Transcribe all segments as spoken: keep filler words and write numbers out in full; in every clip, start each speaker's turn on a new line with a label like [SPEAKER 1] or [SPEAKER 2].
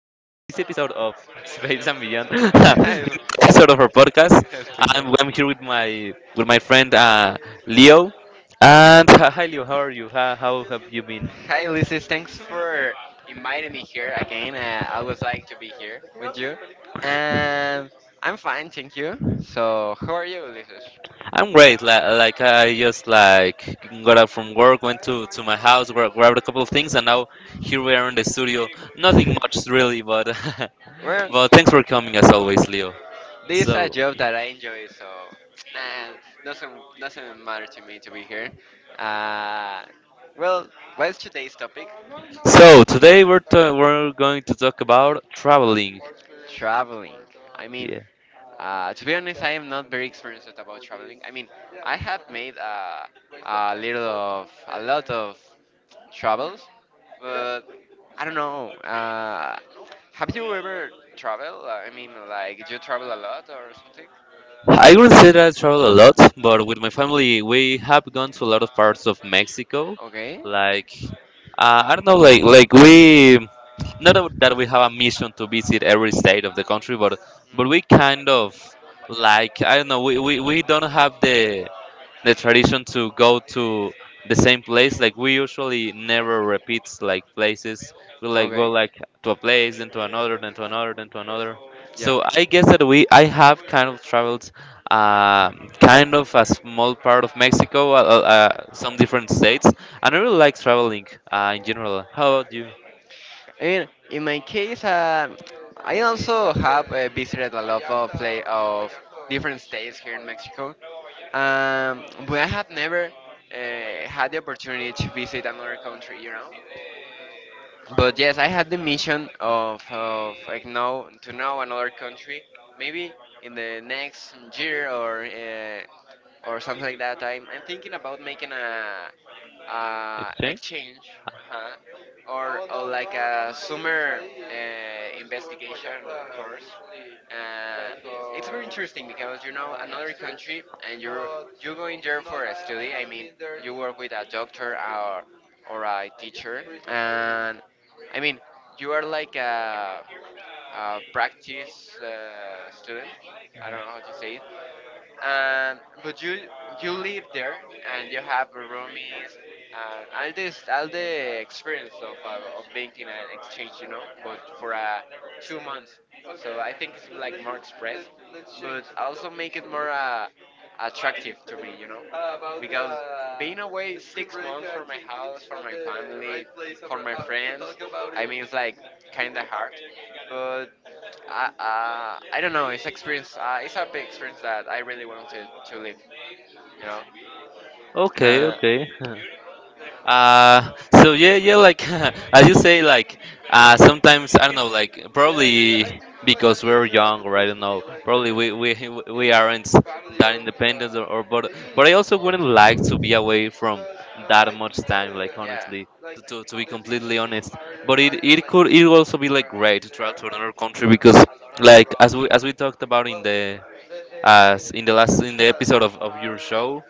[SPEAKER 1] episode of Space and Beyond, episode of our podcast,
[SPEAKER 2] It's
[SPEAKER 1] I'm,
[SPEAKER 2] special.
[SPEAKER 1] I'm here with my with my friend uh, Leo. And uh, hi Leo, how are you? How, how have you been?
[SPEAKER 2] Hi, Lizzie. Thanks for inviting me here again. Uh, I was like to be here with you. And I'm fine, thank you. So, how are you, Ulysses?
[SPEAKER 1] I'm great. Like, like I just like got up from work, went to, to my house, gra- grabbed a couple of things, and now here we are in the studio. Nothing much really, but
[SPEAKER 2] Well,
[SPEAKER 1] but thanks for coming as always, Leo.
[SPEAKER 2] this is a
[SPEAKER 1] So.
[SPEAKER 2] job that I enjoy, so nah, doesn't doesn't matter to me to be here. Uh, well, what's today's topic?
[SPEAKER 1] So today we're ta we're going to talk about traveling.
[SPEAKER 2] Traveling. I mean,
[SPEAKER 1] Yeah,
[SPEAKER 2] uh, to be honest, I am not very experienced about traveling. I mean, I have made uh, a little of a lot of travels, but I don't know. Uh, have you ever traveled? I mean, like you travel a lot or something?
[SPEAKER 1] I would not say that I travel a lot, but with my family we have gone to a lot of parts of Mexico.
[SPEAKER 2] Okay.
[SPEAKER 1] Like uh, I don't know, like like we not that that we have a mission to visit every state of the country, but but we kind of like, I don't know, we we, we don't have the the tradition to go to the same place. Like we usually never repeats like places. We like
[SPEAKER 2] Okay.
[SPEAKER 1] go like to a place, then to another, then to another, then to another.
[SPEAKER 2] Yeah.
[SPEAKER 1] So I guess that we I have kind of traveled uh, kind of a small part of Mexico, uh, uh, uh, some different states, and I really like traveling uh, in general. How about you?
[SPEAKER 2] I mean, in my case, um I also have uh, visited a lot of play of different states here in Mexico. Um, but I have never uh, had the opportunity to visit another country, you know. But yes, I had the mission of, of like know to know another country, maybe in the next year or uh, or something like that. I'm, I'm thinking about making a, a
[SPEAKER 1] Okay,
[SPEAKER 2] exchange, uh or, or like a summer uh, investigation uh, course. Uh, it's very interesting because you know another country and you're you go in there for a study. I mean, you work with a doctor or or a teacher, and I mean you are like a, a practice uh, student. I don't know how to say it, and but you you live there and you have roomies and all this all the experience of uh, of being in an exchange you know but for uh, two months. So I think it's like more express, but also make it more uh, attractive to me you know because being away six months from my house, from my family, for my friends. I mean, it's like kind of hard. But I, uh, I don't know. It's experience. Uh, it's a big experience that I really want to, to live. You know.
[SPEAKER 1] okay,
[SPEAKER 2] Uh,
[SPEAKER 1] okay. Uh, so yeah, yeah, like as you say, like uh, sometimes I don't know, like probably because we're young, or I don't know, probably we we we aren't that independent, or, or but but I also wouldn't like to be away from that much time, like honestly, to, to, to be completely honest. But it it could it would also be like great to travel to another country because, like, as we as we talked about in the uh in the last in the episode of, of your show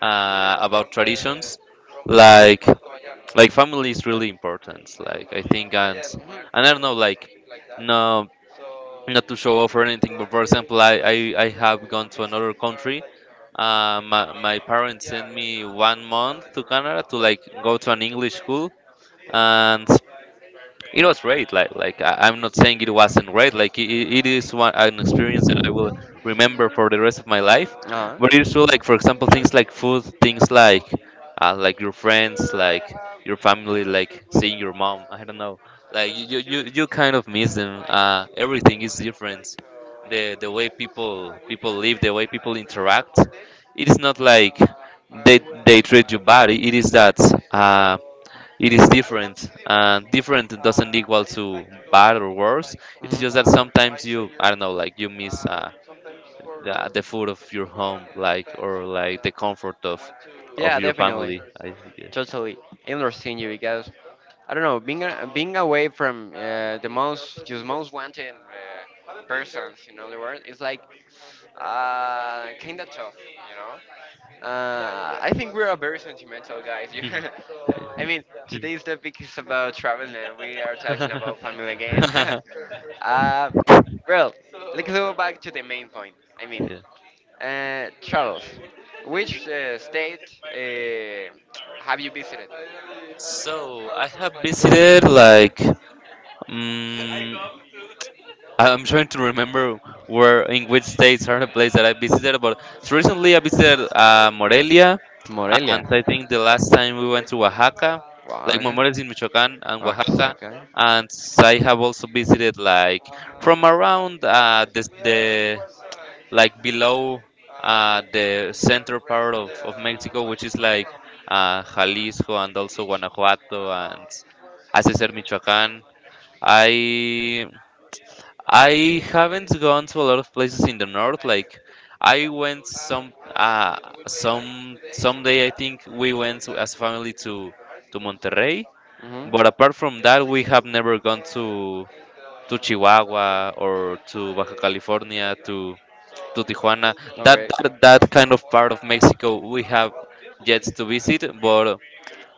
[SPEAKER 1] uh about traditions, like
[SPEAKER 2] yeah.
[SPEAKER 1] like family is really important,
[SPEAKER 2] I don't
[SPEAKER 1] like,
[SPEAKER 2] know,
[SPEAKER 1] I
[SPEAKER 2] uh,
[SPEAKER 1] think. and
[SPEAKER 2] Playa de los
[SPEAKER 1] and
[SPEAKER 2] Muertos
[SPEAKER 1] I don't know,
[SPEAKER 2] or
[SPEAKER 1] like,
[SPEAKER 2] something like that.
[SPEAKER 1] no,
[SPEAKER 2] So the
[SPEAKER 1] not to show off or
[SPEAKER 2] the
[SPEAKER 1] anything, but for
[SPEAKER 2] woods
[SPEAKER 1] example, i
[SPEAKER 2] of
[SPEAKER 1] i, I
[SPEAKER 2] the,
[SPEAKER 1] have gone
[SPEAKER 2] the
[SPEAKER 1] to
[SPEAKER 2] music
[SPEAKER 1] another
[SPEAKER 2] are
[SPEAKER 1] country.
[SPEAKER 2] like uh,
[SPEAKER 1] Uh, my, my
[SPEAKER 2] maybe,
[SPEAKER 1] parents
[SPEAKER 2] yeah,
[SPEAKER 1] sent
[SPEAKER 2] yeah,
[SPEAKER 1] me
[SPEAKER 2] yeah,
[SPEAKER 1] one
[SPEAKER 2] yeah,
[SPEAKER 1] month
[SPEAKER 2] like
[SPEAKER 1] to
[SPEAKER 2] around.
[SPEAKER 1] Canada to
[SPEAKER 2] But
[SPEAKER 1] like
[SPEAKER 2] yeah,
[SPEAKER 1] go
[SPEAKER 2] it's
[SPEAKER 1] to
[SPEAKER 2] a
[SPEAKER 1] an
[SPEAKER 2] cool
[SPEAKER 1] English
[SPEAKER 2] place.
[SPEAKER 1] school,
[SPEAKER 2] It's a cool place.
[SPEAKER 1] and it was great. Like like I, I'm not saying it wasn't great. Like it, it is one an experience that I will
[SPEAKER 2] Well, this
[SPEAKER 1] remember for the rest of my life.
[SPEAKER 2] year, uh, uh
[SPEAKER 1] But it's true. Like, for example, things like food, things like uh, like your
[SPEAKER 2] this
[SPEAKER 1] friends,
[SPEAKER 2] year I
[SPEAKER 1] like
[SPEAKER 2] have
[SPEAKER 1] your
[SPEAKER 2] I
[SPEAKER 1] family,
[SPEAKER 2] had a trip
[SPEAKER 1] like
[SPEAKER 2] with
[SPEAKER 1] seeing your mom. I
[SPEAKER 2] uh,
[SPEAKER 1] don't know. Like
[SPEAKER 2] Mexico
[SPEAKER 1] you you,
[SPEAKER 2] City.
[SPEAKER 1] you you kind of miss
[SPEAKER 2] Uh,
[SPEAKER 1] them. Uh,
[SPEAKER 2] I
[SPEAKER 1] everything is
[SPEAKER 2] went
[SPEAKER 1] different.
[SPEAKER 2] like uh, it
[SPEAKER 1] The the
[SPEAKER 2] was
[SPEAKER 1] way people
[SPEAKER 2] a
[SPEAKER 1] people
[SPEAKER 2] weekend,
[SPEAKER 1] live, the way
[SPEAKER 2] yeah,
[SPEAKER 1] people interact.
[SPEAKER 2] four days.
[SPEAKER 1] It is not
[SPEAKER 2] Uh,
[SPEAKER 1] like
[SPEAKER 2] I
[SPEAKER 1] they
[SPEAKER 2] went
[SPEAKER 1] they
[SPEAKER 2] with
[SPEAKER 1] treat
[SPEAKER 2] my
[SPEAKER 1] you bad. It is that. Uh, it is
[SPEAKER 2] I love
[SPEAKER 1] different,
[SPEAKER 2] city, man.
[SPEAKER 1] and different doesn't
[SPEAKER 2] Uh,
[SPEAKER 1] equal
[SPEAKER 2] I
[SPEAKER 1] to
[SPEAKER 2] like to
[SPEAKER 1] bad
[SPEAKER 2] go
[SPEAKER 1] or worse.
[SPEAKER 2] like,
[SPEAKER 1] It's
[SPEAKER 2] mhm,
[SPEAKER 1] just that
[SPEAKER 2] one or
[SPEAKER 1] sometimes
[SPEAKER 2] twice a
[SPEAKER 1] you,
[SPEAKER 2] year.
[SPEAKER 1] I don't know, like you miss
[SPEAKER 2] Uh,
[SPEAKER 1] uh,
[SPEAKER 2] Sometimes for
[SPEAKER 1] the the food of
[SPEAKER 2] just for
[SPEAKER 1] your
[SPEAKER 2] fun,
[SPEAKER 1] home,
[SPEAKER 2] and
[SPEAKER 1] like,
[SPEAKER 2] sometimes
[SPEAKER 1] or like
[SPEAKER 2] uh,
[SPEAKER 1] the comfort
[SPEAKER 2] I
[SPEAKER 1] of
[SPEAKER 2] went to, yeah,
[SPEAKER 1] of
[SPEAKER 2] to,
[SPEAKER 1] your
[SPEAKER 2] definitely,
[SPEAKER 1] family,
[SPEAKER 2] concerts,
[SPEAKER 1] I
[SPEAKER 2] and,
[SPEAKER 1] guess.
[SPEAKER 2] totally. I understand you because I don't know, being a, being away from uh, the most just most wanted uh, persons in all the world is like uh, kind of tough, you know. Uh, I think we're a very sentimental guys. you- I
[SPEAKER 1] Hmm.
[SPEAKER 2] mean, today's topic is about traveling, and we are talking about family again. uh, well, let's go back to the main point. I mean,
[SPEAKER 1] Yeah.
[SPEAKER 2] uh, travels. Which uh, state uh, have you visited?
[SPEAKER 1] So I have visited like mm I- I'm trying to remember where in which states are the places that I visited, but so recently I visited uh, Morelia,
[SPEAKER 2] Morelia.
[SPEAKER 1] and I think the last time we went to Oaxaca, like
[SPEAKER 2] Oaxaca.
[SPEAKER 1] Morelia is in Michoacán and Oaxaca,
[SPEAKER 2] Oaxaca.
[SPEAKER 1] and I have also visited, like, from around uh, the,
[SPEAKER 2] We
[SPEAKER 1] the
[SPEAKER 2] are. We was uh, like,
[SPEAKER 1] like below
[SPEAKER 2] uh,
[SPEAKER 1] uh, the
[SPEAKER 2] we
[SPEAKER 1] center
[SPEAKER 2] rent
[SPEAKER 1] part of,
[SPEAKER 2] the
[SPEAKER 1] of
[SPEAKER 2] uh,
[SPEAKER 1] Mexico, which is
[SPEAKER 2] bicycles
[SPEAKER 1] like
[SPEAKER 2] from uh,
[SPEAKER 1] uh, Jalisco and also Guanajuato and,
[SPEAKER 2] no, it was
[SPEAKER 1] as I said, Michoacán. I I haven't gone to a lot of places in the north. Like I went some uh
[SPEAKER 2] paid like
[SPEAKER 1] some
[SPEAKER 2] two days,
[SPEAKER 1] someday I think we
[SPEAKER 2] we
[SPEAKER 1] went
[SPEAKER 2] was
[SPEAKER 1] to,
[SPEAKER 2] like
[SPEAKER 1] as a
[SPEAKER 2] the
[SPEAKER 1] family, to to
[SPEAKER 2] bicycles,
[SPEAKER 1] Monterrey.
[SPEAKER 2] hmm
[SPEAKER 1] But apart from that, we have never gone to to Chihuahua
[SPEAKER 2] we
[SPEAKER 1] or
[SPEAKER 2] went to
[SPEAKER 1] to
[SPEAKER 2] the
[SPEAKER 1] Baja California
[SPEAKER 2] Borgia.
[SPEAKER 1] to
[SPEAKER 2] So
[SPEAKER 1] to
[SPEAKER 2] it was
[SPEAKER 1] Tijuana.
[SPEAKER 2] cool because, okay,
[SPEAKER 1] That that, that kind of part of
[SPEAKER 2] Japan is,
[SPEAKER 1] Mexico we have
[SPEAKER 2] well,
[SPEAKER 1] yet to visit. But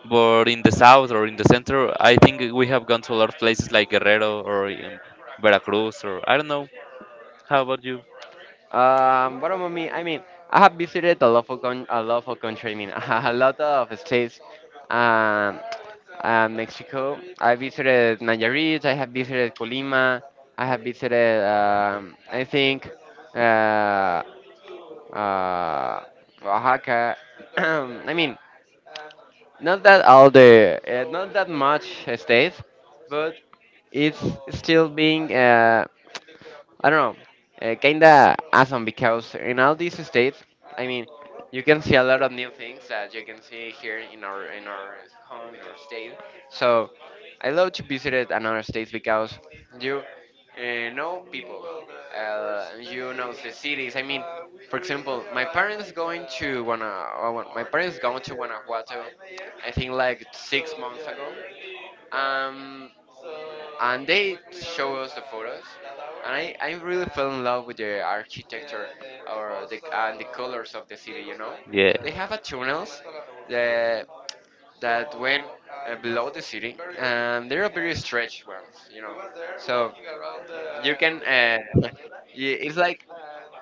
[SPEAKER 1] but in the south or in the center, I think we have gone to a lot of places like Guerrero or um, Veracruz or I don't know. How about you?
[SPEAKER 2] Um, what about me? I mean, I have visited a lot of con- a lot of country. I mean, a lot of states. Um, uh, Mexico. I visited Nayarit. I have visited Colima. I have visited. Um, I think. Uh, uh, Oaxaca. I mean, not that all the, uh, not that much states, but it's still being uh, I don't know, uh, kinda awesome because in all these states, I mean, you can see a lot of new things that you can see here in our in our home in our state. So I love to visit another states because you uh, know people, uh, and you know the cities. I mean, for example, my parents going to Guana, uh, Guan- my parents going to Guanajuato, I think like six months ago. Um, and they show us the photos, and I, I really fell in love with the architecture or the and the colors of the city you know
[SPEAKER 1] Yeah.
[SPEAKER 2] They have a tunnels that that went uh, below the city, and they're very stretched ones you know So you can, uh, yeah, it's like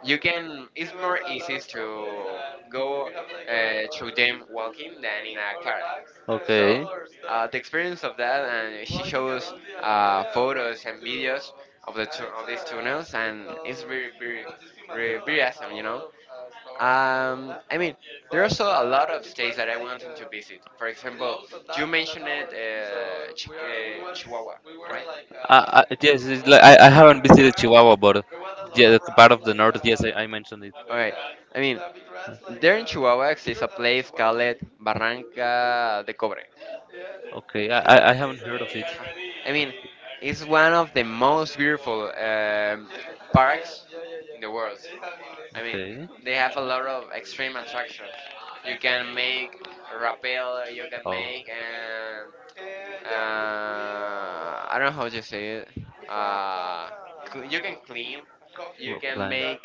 [SPEAKER 2] you can. It's more easy to go uh, through them walking than in a car. So
[SPEAKER 1] Okay.
[SPEAKER 2] uh, the experience of that, and she shows uh, photos and videos of the tu- of these tunnels, and it's very very very, very awesome, you know. Um, I mean, there are also a lot of states that I wanted to visit. For example, you mentioned it, uh, Chi- uh, Chihuahua, right?
[SPEAKER 1] Uh, uh, yes, it's like, I, I haven't visited Chihuahua, but
[SPEAKER 2] It was a lot
[SPEAKER 1] yeah,
[SPEAKER 2] of
[SPEAKER 1] the part
[SPEAKER 2] rats,
[SPEAKER 1] of the
[SPEAKER 2] like,
[SPEAKER 1] north. Yes, I, I
[SPEAKER 2] uh,
[SPEAKER 1] mentioned it.
[SPEAKER 2] alright, I mean, the rats, like there in uh, Chihuahua exists a place called Barranca de Cobre. Yeah.
[SPEAKER 1] Okay, I, I I haven't heard of it.
[SPEAKER 2] Ha- I mean, it's one of the most beautiful um, parks in the world. I mean,
[SPEAKER 1] Okay.
[SPEAKER 2] they have a lot of extreme attractions. You can make rappel, you can
[SPEAKER 1] Oh.
[SPEAKER 2] make, um, uh, I don't know how to say it. Uh, cl- you can clean, you
[SPEAKER 1] Rock
[SPEAKER 2] can
[SPEAKER 1] climbing.
[SPEAKER 2] make,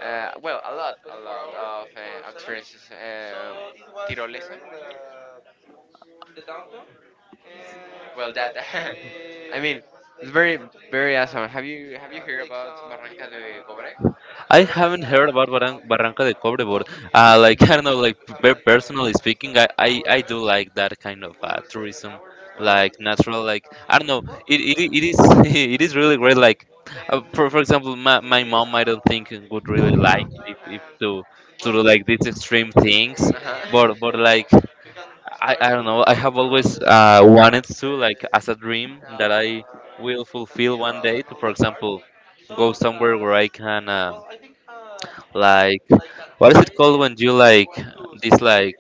[SPEAKER 2] uh, well, a lot, a lot of uh, experiences. Uh, tirolesa. Well, that, I mean, it's very very awesome. Have you have you heard about Barranca de Cobre?
[SPEAKER 1] I haven't heard about Barran- Barranca de Cobre, but
[SPEAKER 2] No.
[SPEAKER 1] uh, like, I don't know, like, pe- personally speaking, I, I, I do like that kind of uh, tourism, like natural, like, I don't know, it, it, it is it is really great. Like uh, for, for example, my, my mom I don't think would really like it if, if to to do like these extreme things, but but like, I, I don't know, I have always uh, wanted to, like, as a dream that I will fulfill one day. To, for example, go somewhere where
[SPEAKER 2] Uh-huh.
[SPEAKER 1] I can, um
[SPEAKER 2] Well, I think uh, at
[SPEAKER 1] like,
[SPEAKER 2] like at
[SPEAKER 1] what is it called
[SPEAKER 2] nine a m
[SPEAKER 1] when you,
[SPEAKER 2] we
[SPEAKER 1] like,
[SPEAKER 2] went to
[SPEAKER 1] this, like,
[SPEAKER 2] Similaria.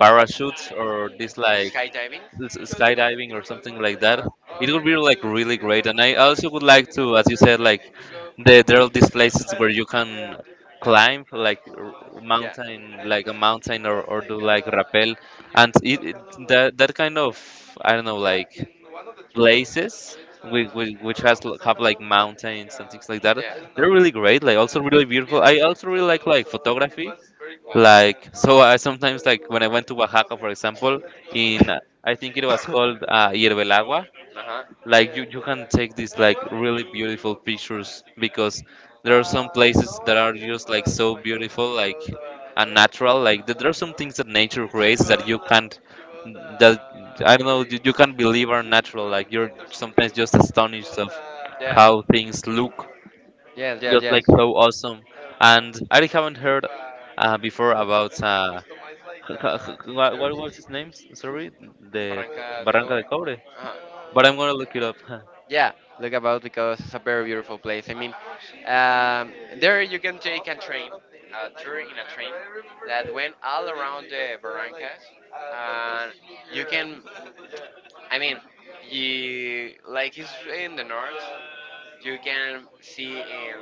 [SPEAKER 1] parachutes or this like
[SPEAKER 2] Skydiving?
[SPEAKER 1] s-
[SPEAKER 2] Because my
[SPEAKER 1] skydiving or
[SPEAKER 2] girlfriend
[SPEAKER 1] something
[SPEAKER 2] was
[SPEAKER 1] like
[SPEAKER 2] like,
[SPEAKER 1] that.
[SPEAKER 2] uh-huh, "Oh,
[SPEAKER 1] It
[SPEAKER 2] we're
[SPEAKER 1] would be
[SPEAKER 2] going to
[SPEAKER 1] like really great,
[SPEAKER 2] C D M X.
[SPEAKER 1] and I
[SPEAKER 2] There's
[SPEAKER 1] also would
[SPEAKER 2] some
[SPEAKER 1] like to,
[SPEAKER 2] Similaria
[SPEAKER 1] as you
[SPEAKER 2] there.
[SPEAKER 1] said,
[SPEAKER 2] We need
[SPEAKER 1] like,
[SPEAKER 2] to go."
[SPEAKER 1] the, there are these places
[SPEAKER 2] And,
[SPEAKER 1] where you
[SPEAKER 2] yeah,
[SPEAKER 1] can
[SPEAKER 2] and we,
[SPEAKER 1] climb, like, r-
[SPEAKER 2] uh, yeah,
[SPEAKER 1] mountain,
[SPEAKER 2] and
[SPEAKER 1] like a
[SPEAKER 2] it
[SPEAKER 1] mountain, or,
[SPEAKER 2] was
[SPEAKER 1] or
[SPEAKER 2] like
[SPEAKER 1] do like
[SPEAKER 2] uh,
[SPEAKER 1] rappel,
[SPEAKER 2] near
[SPEAKER 1] and
[SPEAKER 2] to
[SPEAKER 1] it, it
[SPEAKER 2] Zocalo, like,
[SPEAKER 1] that that kind of, I don't know,
[SPEAKER 2] yeah,
[SPEAKER 1] like
[SPEAKER 2] in one of the three of the
[SPEAKER 1] places
[SPEAKER 2] streets
[SPEAKER 1] which,
[SPEAKER 2] uh,
[SPEAKER 1] which has
[SPEAKER 2] around the
[SPEAKER 1] l- have like
[SPEAKER 2] Zocalo, but like,
[SPEAKER 1] mountains and
[SPEAKER 2] uh,
[SPEAKER 1] things like that.
[SPEAKER 2] yeah, I don't
[SPEAKER 1] They're
[SPEAKER 2] know,
[SPEAKER 1] really great, like
[SPEAKER 2] uh,
[SPEAKER 1] also really
[SPEAKER 2] fifteen
[SPEAKER 1] beautiful. I
[SPEAKER 2] meters from
[SPEAKER 1] also
[SPEAKER 2] the
[SPEAKER 1] really like
[SPEAKER 2] Zocalo.
[SPEAKER 1] like
[SPEAKER 2] So it
[SPEAKER 1] photography.
[SPEAKER 2] was very cool.
[SPEAKER 1] Like so, I sometimes, like, when I went to Oaxaca, for example, in uh, I think it was called uh, Hiervelagua,
[SPEAKER 2] Uh huh.
[SPEAKER 1] like you, you can take these like really beautiful pictures because there are some places that are just like so beautiful, like unnatural. Like th- there are some things that nature creates that you can't, that I don't know, you, you can't believe are natural, like you're sometimes just astonished of
[SPEAKER 2] Yeah.
[SPEAKER 1] how things look,
[SPEAKER 2] Yes. Yes.
[SPEAKER 1] just like
[SPEAKER 2] Yes.
[SPEAKER 1] so awesome. And I haven't heard uh, before about uh, h- h- h- what, what was his name? S- sorry, the
[SPEAKER 2] Paranca de
[SPEAKER 1] Barranca
[SPEAKER 2] cobre.
[SPEAKER 1] de Cobre,
[SPEAKER 2] Uh
[SPEAKER 1] but I'm gonna
[SPEAKER 2] huh.
[SPEAKER 1] look it up.
[SPEAKER 2] Yeah, look about, because it's a very beautiful place. I mean, um, there you can take a train, a tour in a train that went all around the Barrancas, and you can, I mean, you like it's in the north. You can see in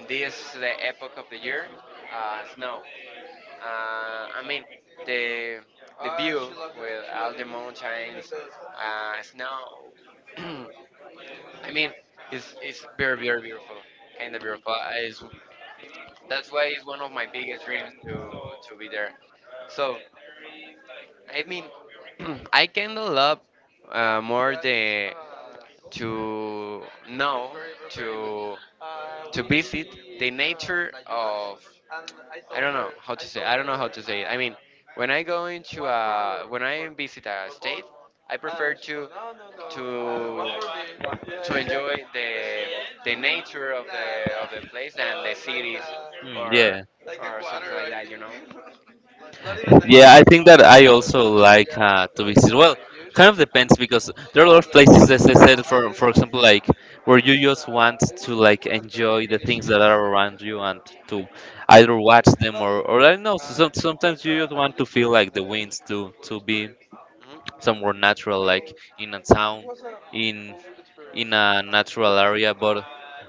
[SPEAKER 2] in this the epoch of the year, uh, snow. Uh, I mean, the the view with all the mountains, uh, snow. I mean, it's it's very very beautiful, kind of beautiful. I, it's, that's why it's one of my biggest dreams to to be there. So I mean, I kind of love uh, more the to know to to visit the nature of, I don't know how to say I don't know how to say it. I mean, when I go into a when I visit a state, I prefer to to to enjoy the the nature of the of the place than the cities,
[SPEAKER 1] Mm, yeah,
[SPEAKER 2] or
[SPEAKER 1] yeah.
[SPEAKER 2] or something like that, you know.
[SPEAKER 1] yeah. I think that I also like
[SPEAKER 2] Yeah,
[SPEAKER 1] uh,
[SPEAKER 2] it
[SPEAKER 1] to
[SPEAKER 2] was
[SPEAKER 1] visit.
[SPEAKER 2] uh,
[SPEAKER 1] Well,
[SPEAKER 2] huge.
[SPEAKER 1] kind of depends because there are a lot of places, as I
[SPEAKER 2] Oh,
[SPEAKER 1] said,
[SPEAKER 2] I
[SPEAKER 1] for
[SPEAKER 2] didn't, I
[SPEAKER 1] for example,
[SPEAKER 2] didn't,
[SPEAKER 1] like
[SPEAKER 2] uh,
[SPEAKER 1] where you just want
[SPEAKER 2] I,
[SPEAKER 1] to
[SPEAKER 2] w- I
[SPEAKER 1] like
[SPEAKER 2] wouldn't uh,
[SPEAKER 1] enjoy the
[SPEAKER 2] finish
[SPEAKER 1] things that
[SPEAKER 2] this.
[SPEAKER 1] are around
[SPEAKER 2] Uh,
[SPEAKER 1] you, and to either watch them
[SPEAKER 2] well,
[SPEAKER 1] or or, I don't know. So
[SPEAKER 2] uh,
[SPEAKER 1] some,
[SPEAKER 2] it was
[SPEAKER 1] sometimes you just
[SPEAKER 2] a, a good
[SPEAKER 1] want to feel
[SPEAKER 2] experience,
[SPEAKER 1] like
[SPEAKER 2] uh,
[SPEAKER 1] the winds,
[SPEAKER 2] the
[SPEAKER 1] to
[SPEAKER 2] food
[SPEAKER 1] to be
[SPEAKER 2] experience. Mhm.
[SPEAKER 1] somewhere natural,
[SPEAKER 2] I think
[SPEAKER 1] like in a town.
[SPEAKER 2] it was a, a
[SPEAKER 1] In
[SPEAKER 2] good experience.
[SPEAKER 1] in a natural area, but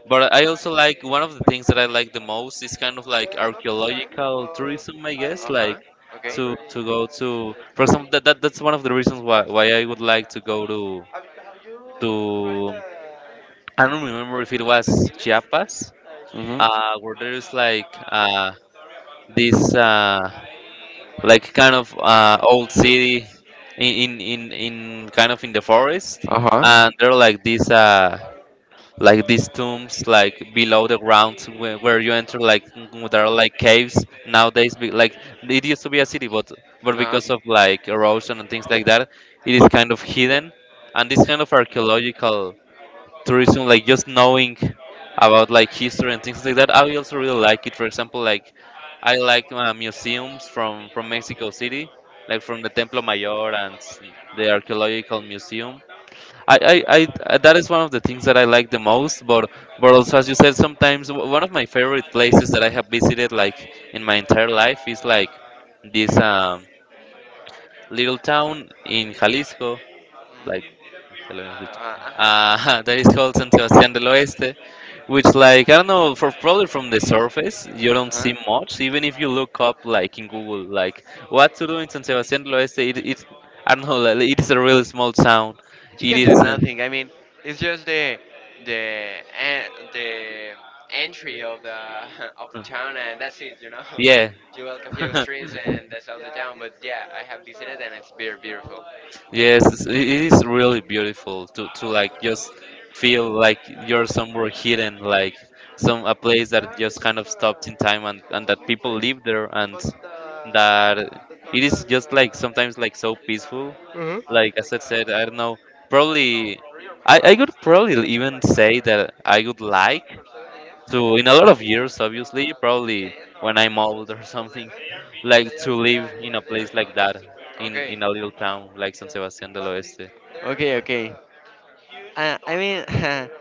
[SPEAKER 1] but I also, like, one of the things that I like the most is kind of like
[SPEAKER 2] Uh, not this time,
[SPEAKER 1] archaeological
[SPEAKER 2] but
[SPEAKER 1] tourism, I
[SPEAKER 2] I,
[SPEAKER 1] guess,
[SPEAKER 2] uh huh,
[SPEAKER 1] like,
[SPEAKER 2] okay,
[SPEAKER 1] to
[SPEAKER 2] already
[SPEAKER 1] to go to,
[SPEAKER 2] uh,
[SPEAKER 1] for
[SPEAKER 2] tried
[SPEAKER 1] example, that, that
[SPEAKER 2] it.
[SPEAKER 1] that's one of the reasons why why I would like to go to,
[SPEAKER 2] Have, have you tried
[SPEAKER 1] to
[SPEAKER 2] the
[SPEAKER 1] I don't remember if
[SPEAKER 2] torta
[SPEAKER 1] it
[SPEAKER 2] de
[SPEAKER 1] was
[SPEAKER 2] chilaquiles?
[SPEAKER 1] Chiapas,
[SPEAKER 2] Uh, Mhm.
[SPEAKER 1] uh where there's like uh this uh like kind of uh old city in in in, in kind of in the forest,
[SPEAKER 2] Uh huh.
[SPEAKER 1] and there are like these uh like these tombs like below the ground where, where you enter, like, mm, there are like caves nowadays, be, like, it used to be a city, but but
[SPEAKER 2] No.
[SPEAKER 1] because of, like, erosion and things like that, it is kind of hidden. And this kind of archaeological tourism, like just knowing about, like, history and things like that, I also really like it. For example, like, I like uh, museums from from Mexico City, like from the Templo Mayor and the Archaeological Museum. I, I, I that is one of the things that I like the most. But but also, as you said, sometimes w- one of my favorite places that I have visited, like, in my entire life is like this um, little town in Jalisco, like hello, en Jalisco.
[SPEAKER 2] Mhm. Uh huh.
[SPEAKER 1] Uh, that is called San Sebastián del Oeste, which, like, I don't know, for probably from the surface you
[SPEAKER 2] Uh
[SPEAKER 1] don't
[SPEAKER 2] huh.
[SPEAKER 1] see much. Even if you look up, like, in Google, like what to do in San Sebastián del Oeste, it, it I don't know, like, it is a really small town.
[SPEAKER 2] She
[SPEAKER 1] It
[SPEAKER 2] can
[SPEAKER 1] is.
[SPEAKER 2] do
[SPEAKER 1] um,
[SPEAKER 2] nothing. I mean, it's just the the en- the entry of the of the town, and that's it. You know,
[SPEAKER 1] Yeah.
[SPEAKER 2] you walk a few
[SPEAKER 1] Walk
[SPEAKER 2] streets, and that's all the town.
[SPEAKER 1] down,
[SPEAKER 2] But yeah, I have visited, and it's very beautiful.
[SPEAKER 1] yes, it's- it is really beautiful to, to, like, just feel like you're somewhere hidden, like some a place
[SPEAKER 2] Yeah,
[SPEAKER 1] that
[SPEAKER 2] it,
[SPEAKER 1] just kind
[SPEAKER 2] it's
[SPEAKER 1] of
[SPEAKER 2] a
[SPEAKER 1] stopped in time, and, and
[SPEAKER 2] it's a
[SPEAKER 1] that
[SPEAKER 2] cool
[SPEAKER 1] people
[SPEAKER 2] place,
[SPEAKER 1] live there, and
[SPEAKER 2] but the
[SPEAKER 1] that
[SPEAKER 2] the
[SPEAKER 1] it is
[SPEAKER 2] tortas, uh,
[SPEAKER 1] just, like, sometimes, like,
[SPEAKER 2] uh,
[SPEAKER 1] so peaceful.
[SPEAKER 2] hmm
[SPEAKER 1] Like
[SPEAKER 2] ate
[SPEAKER 1] as
[SPEAKER 2] like
[SPEAKER 1] I
[SPEAKER 2] uh,
[SPEAKER 1] said, I don't know,
[SPEAKER 2] I don't know,
[SPEAKER 1] probably
[SPEAKER 2] three or four
[SPEAKER 1] I, I
[SPEAKER 2] hours.
[SPEAKER 1] could
[SPEAKER 2] They
[SPEAKER 1] probably
[SPEAKER 2] they open
[SPEAKER 1] even
[SPEAKER 2] like
[SPEAKER 1] say that
[SPEAKER 2] uh,
[SPEAKER 1] I
[SPEAKER 2] at
[SPEAKER 1] would
[SPEAKER 2] eight
[SPEAKER 1] like
[SPEAKER 2] or seven a m,
[SPEAKER 1] to, in a lot
[SPEAKER 2] and
[SPEAKER 1] of
[SPEAKER 2] at
[SPEAKER 1] years,
[SPEAKER 2] uh,
[SPEAKER 1] obviously, probably
[SPEAKER 2] ten or
[SPEAKER 1] when I'm old or something,
[SPEAKER 2] eleven
[SPEAKER 1] like
[SPEAKER 2] they
[SPEAKER 1] to
[SPEAKER 2] are, yeah,
[SPEAKER 1] live
[SPEAKER 2] yeah,
[SPEAKER 1] in
[SPEAKER 2] yeah,
[SPEAKER 1] a
[SPEAKER 2] they are
[SPEAKER 1] place
[SPEAKER 2] done.
[SPEAKER 1] like that,
[SPEAKER 2] Yeah.
[SPEAKER 1] in
[SPEAKER 2] Okay.
[SPEAKER 1] in a little town like San
[SPEAKER 2] Yeah,
[SPEAKER 1] sebastian del
[SPEAKER 2] but it's
[SPEAKER 1] Oeste.
[SPEAKER 2] there is, okay, like a, okay, a, uh, I mean,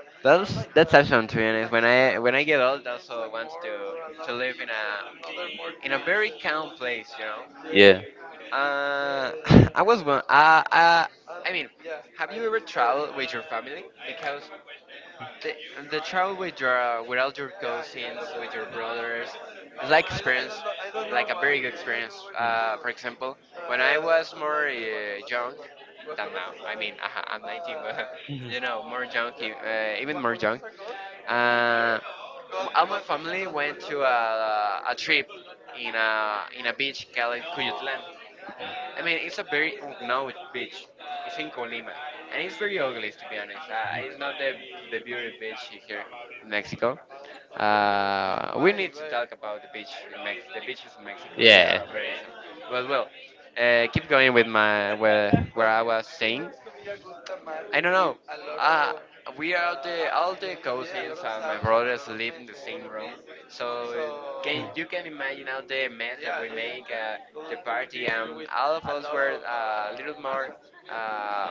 [SPEAKER 2] that's that's awesome, to be honest. When I when I get old, I also want to to live in a in a very calm place, you
[SPEAKER 1] Yeah.
[SPEAKER 2] know. Uh, I was one. Uh, uh, I mean, have you ever traveled with your family? Because the the travel with your with your cousins, with your brothers, it's like experience, like a very good experience. Uh, for example, when I was more uh, young than now, I mean, I'm nineteen, but
[SPEAKER 1] Mhm.
[SPEAKER 2] you know, more young, e, uh, even more young. Uh, m- all my family went to a, a trip in a in a beach called Cuyutlan. I mean, it's a very unknown beach. It's in Colima, and it's very ugly, to be honest. Uh, it's not the the beauty beach here in Mexico. Uh, we need to talk about the beach in Mex- the beaches in Mexico. They
[SPEAKER 1] yeah
[SPEAKER 2] are very awesome. Well, well, uh, keep going with my where where I was saying. I don't know. A Uh, we are the all the yeah, cousins and my brothers live in the same room. So can you can imagine all the mess that we make, uh, the party, and all of us were, uh, a little more, uh,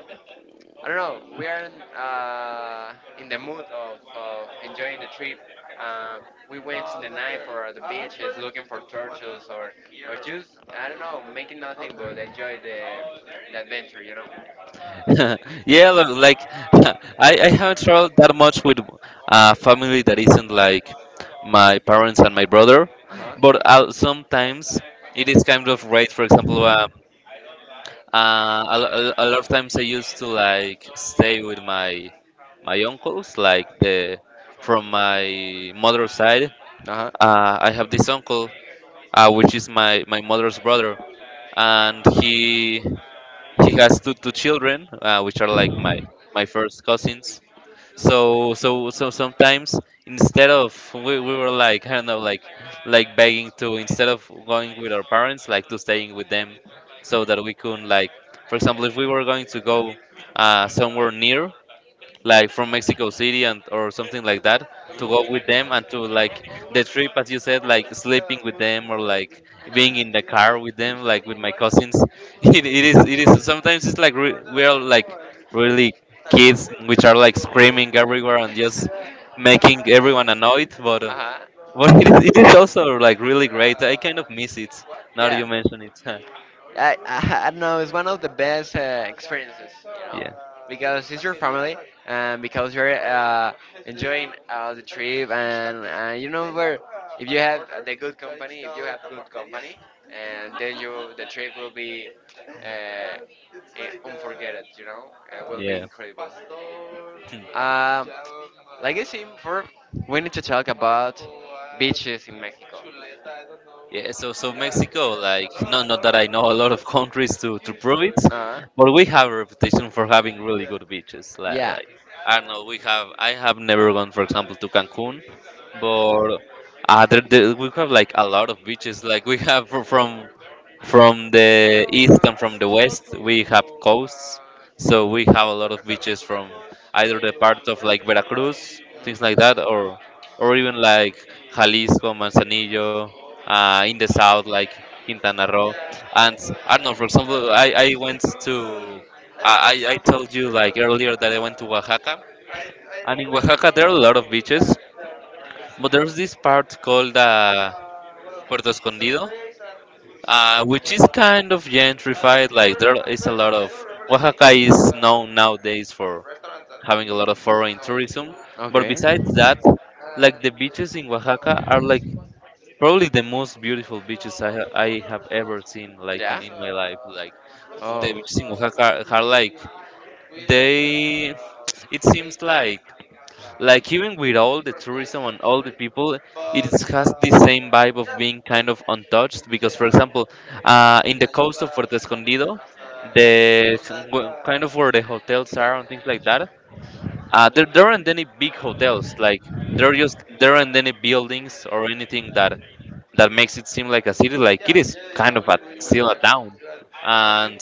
[SPEAKER 2] I don't know, we are in, uh, in the mood of, of enjoying the trip. Uh, we went in the night for the beaches looking for turtles, or or just I don't know making nothing but enjoy the the adventure, you know.
[SPEAKER 1] yeah look, like I, I haven't traveled that much with a family that isn't like my parents and my brother,
[SPEAKER 2] Uh huh.
[SPEAKER 1] but uh, sometimes it is kind of right. For example, uh, Uh, a, lo- a, a lot of times I used to like stay with my my uncles, like the from my mother's side.
[SPEAKER 2] Uh huh.
[SPEAKER 1] Uh, I have this uncle, uh, which is my, my mother's brother, and he he has two two children, uh, which are like my my first cousins, so so so sometimes instead of we, we were like, I don't know, like like begging to, instead of going with our parents, like to staying with them, so that we could like, for example, if we were going to go uh, somewhere near, like from Mexico City and or something
[SPEAKER 2] I don't
[SPEAKER 1] like
[SPEAKER 2] know.
[SPEAKER 1] that, to
[SPEAKER 2] Mm,
[SPEAKER 1] go with
[SPEAKER 2] because
[SPEAKER 1] them and to like
[SPEAKER 2] al-
[SPEAKER 1] the
[SPEAKER 2] always
[SPEAKER 1] trip, as you said,
[SPEAKER 2] always,
[SPEAKER 1] like
[SPEAKER 2] uh,
[SPEAKER 1] sleeping with
[SPEAKER 2] food,
[SPEAKER 1] them,
[SPEAKER 2] uh,
[SPEAKER 1] or like
[SPEAKER 2] in
[SPEAKER 1] being
[SPEAKER 2] Mexico
[SPEAKER 1] in the
[SPEAKER 2] City
[SPEAKER 1] car
[SPEAKER 2] are
[SPEAKER 1] with them,
[SPEAKER 2] huge. I don't
[SPEAKER 1] like
[SPEAKER 2] know
[SPEAKER 1] with my
[SPEAKER 2] why.
[SPEAKER 1] cousins. it, it is it
[SPEAKER 2] You
[SPEAKER 1] is sometimes it's like
[SPEAKER 2] you
[SPEAKER 1] re-
[SPEAKER 2] order a
[SPEAKER 1] we're
[SPEAKER 2] taco
[SPEAKER 1] like
[SPEAKER 2] and it's
[SPEAKER 1] really
[SPEAKER 2] a tacote
[SPEAKER 1] kids
[SPEAKER 2] too.
[SPEAKER 1] which are like screaming
[SPEAKER 2] So
[SPEAKER 1] everywhere and just making
[SPEAKER 2] I I,
[SPEAKER 1] everyone
[SPEAKER 2] I, uh
[SPEAKER 1] annoyed. But uh,
[SPEAKER 2] huh, know
[SPEAKER 1] but
[SPEAKER 2] a
[SPEAKER 1] it
[SPEAKER 2] place
[SPEAKER 1] is, it is
[SPEAKER 2] there.
[SPEAKER 1] also like really great. I kind of miss it now that
[SPEAKER 2] Yeah,
[SPEAKER 1] you mention it.
[SPEAKER 2] I, I, I don't know. It's one of the best uh, experiences, you know,
[SPEAKER 1] yeah
[SPEAKER 2] because it's your family and because you're, uh, enjoying, uh, the trip, and, uh, you know where if you have the good company, if you have good company, and then you the trip will be, uh, i- unforgettable, you know, uh, will be
[SPEAKER 1] yeah
[SPEAKER 2] incredible. Um, like I said before, we need to talk about beaches in Mexico.
[SPEAKER 1] Yeah, so so Mexico, like not not that I know a lot of countries to to prove it,
[SPEAKER 2] Uh,
[SPEAKER 1] but we have a reputation for having really good beaches. Like,
[SPEAKER 2] Yeah.
[SPEAKER 1] like I don't know, we have, I have never gone, for example, to Cancun, but uh, there, there, we have like a lot of beaches. Like we have fr- from from the east and from the west, we have coasts, so we have a lot of beaches from either the part of like Veracruz, things like
[SPEAKER 2] Mm.
[SPEAKER 1] that, or or even like Jalisco, Manzanillo, uh, in the south like Quintana Roo.
[SPEAKER 2] Yeah,
[SPEAKER 1] And
[SPEAKER 2] because
[SPEAKER 1] I don't
[SPEAKER 2] I
[SPEAKER 1] know, for
[SPEAKER 2] think, uh,
[SPEAKER 1] example, I,
[SPEAKER 2] there
[SPEAKER 1] I
[SPEAKER 2] is like
[SPEAKER 1] went
[SPEAKER 2] no the.
[SPEAKER 1] to
[SPEAKER 2] I don't like
[SPEAKER 1] I I I
[SPEAKER 2] sunburn
[SPEAKER 1] told you
[SPEAKER 2] here, but,
[SPEAKER 1] like earlier that I went to
[SPEAKER 2] uh,
[SPEAKER 1] Oaxaca,
[SPEAKER 2] I I
[SPEAKER 1] and in
[SPEAKER 2] like to
[SPEAKER 1] Oaxaca there are a
[SPEAKER 2] go,
[SPEAKER 1] lot
[SPEAKER 2] yeah,
[SPEAKER 1] of beaches,
[SPEAKER 2] yeah, because
[SPEAKER 1] but
[SPEAKER 2] it
[SPEAKER 1] there's
[SPEAKER 2] is,
[SPEAKER 1] this part called uh,
[SPEAKER 2] um, what else?
[SPEAKER 1] Puerto
[SPEAKER 2] That
[SPEAKER 1] Escondido,
[SPEAKER 2] place and we visit,
[SPEAKER 1] uh, which is kind of
[SPEAKER 2] uh,
[SPEAKER 1] gentrified.
[SPEAKER 2] and
[SPEAKER 1] Like there
[SPEAKER 2] restaurants
[SPEAKER 1] is a
[SPEAKER 2] there, but
[SPEAKER 1] lot
[SPEAKER 2] I
[SPEAKER 1] of
[SPEAKER 2] don't remember the name
[SPEAKER 1] Oaxaca is known nowadays
[SPEAKER 2] of
[SPEAKER 1] for
[SPEAKER 2] the restaurants that
[SPEAKER 1] having a
[SPEAKER 2] we
[SPEAKER 1] lot of foreign
[SPEAKER 2] saw in
[SPEAKER 1] tourism,
[SPEAKER 2] Peru.
[SPEAKER 1] but
[SPEAKER 2] Okay.
[SPEAKER 1] besides
[SPEAKER 2] And,
[SPEAKER 1] that, like the beaches in
[SPEAKER 2] uh,
[SPEAKER 1] Oaxaca are like probably the most
[SPEAKER 2] well,
[SPEAKER 1] beautiful
[SPEAKER 2] no,
[SPEAKER 1] beaches I,
[SPEAKER 2] about
[SPEAKER 1] ha-
[SPEAKER 2] the
[SPEAKER 1] I
[SPEAKER 2] food and
[SPEAKER 1] have ever
[SPEAKER 2] restaurants,
[SPEAKER 1] seen,
[SPEAKER 2] it.
[SPEAKER 1] like in,
[SPEAKER 2] Yeah? Was, uh,
[SPEAKER 1] in my life. Like
[SPEAKER 2] it was so.
[SPEAKER 1] the
[SPEAKER 2] Oh.
[SPEAKER 1] beaches in
[SPEAKER 2] uh,
[SPEAKER 1] Oaxaca are like
[SPEAKER 2] we we like,
[SPEAKER 1] they.
[SPEAKER 2] uh,
[SPEAKER 1] It
[SPEAKER 2] ate
[SPEAKER 1] seems
[SPEAKER 2] like
[SPEAKER 1] like like
[SPEAKER 2] like
[SPEAKER 1] even with all the
[SPEAKER 2] different places
[SPEAKER 1] tourism
[SPEAKER 2] in
[SPEAKER 1] and
[SPEAKER 2] the
[SPEAKER 1] all the
[SPEAKER 2] street,
[SPEAKER 1] people, it
[SPEAKER 2] but,
[SPEAKER 1] is- has the
[SPEAKER 2] uh,
[SPEAKER 1] same vibe of
[SPEAKER 2] yeah,
[SPEAKER 1] being
[SPEAKER 2] like
[SPEAKER 1] kind of
[SPEAKER 2] like
[SPEAKER 1] untouched.
[SPEAKER 2] you
[SPEAKER 1] Because
[SPEAKER 2] say,
[SPEAKER 1] for
[SPEAKER 2] uh,
[SPEAKER 1] example, uh, in the coast of
[SPEAKER 2] tubas,
[SPEAKER 1] Puerto
[SPEAKER 2] tacos de
[SPEAKER 1] Escondido,
[SPEAKER 2] canasta,
[SPEAKER 1] the
[SPEAKER 2] all that,
[SPEAKER 1] well, kind
[SPEAKER 2] uh,
[SPEAKER 1] of where the hotels are and things
[SPEAKER 2] Mexican.
[SPEAKER 1] like that, uh, there, there aren't any big hotels. Like there are just there aren't any buildings or anything that that makes it seem like a city,
[SPEAKER 2] Yeah,
[SPEAKER 1] like it is
[SPEAKER 2] yeah, yeah.
[SPEAKER 1] kind of
[SPEAKER 2] We
[SPEAKER 1] a
[SPEAKER 2] we went
[SPEAKER 1] still a
[SPEAKER 2] there. Mhm. It
[SPEAKER 1] town.
[SPEAKER 2] was.
[SPEAKER 1] And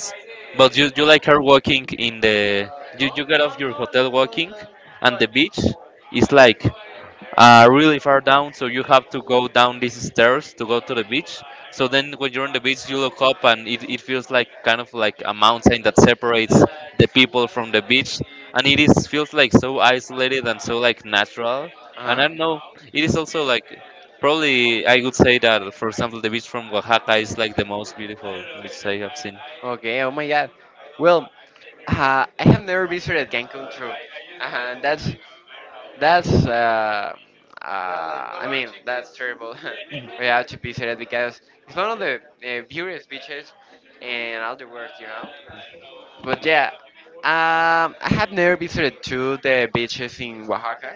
[SPEAKER 1] but you you like are walking in the
[SPEAKER 2] Uh, no,
[SPEAKER 1] you, you get off
[SPEAKER 2] no,
[SPEAKER 1] your
[SPEAKER 2] no. I
[SPEAKER 1] hotel
[SPEAKER 2] didn't go
[SPEAKER 1] walking,
[SPEAKER 2] there.
[SPEAKER 1] and
[SPEAKER 2] Why?
[SPEAKER 1] the beach is like uh, really far down, so you have to go down these stairs to go to the beach. So then, when you're on the beach, you look up, and it, it feels like kind of like a mountain that separates
[SPEAKER 2] Yeah.
[SPEAKER 1] the people from the beach, and it is feels like so isolated and so like natural. And
[SPEAKER 2] Uh-huh.
[SPEAKER 1] I don't know, it is also like probably I would say that, for example, the beach from Oaxaca is like the most beautiful beach I have seen.
[SPEAKER 2] Okay, oh my god. Well, uh, I have never visited Cancun too. Uh, that's. That's, uh, uh, I mean that's terrible. We have to be serious because it's one of the, uh, purest beaches in all the world, you know. But yeah, um, I have never visited to the beaches in Oaxaca,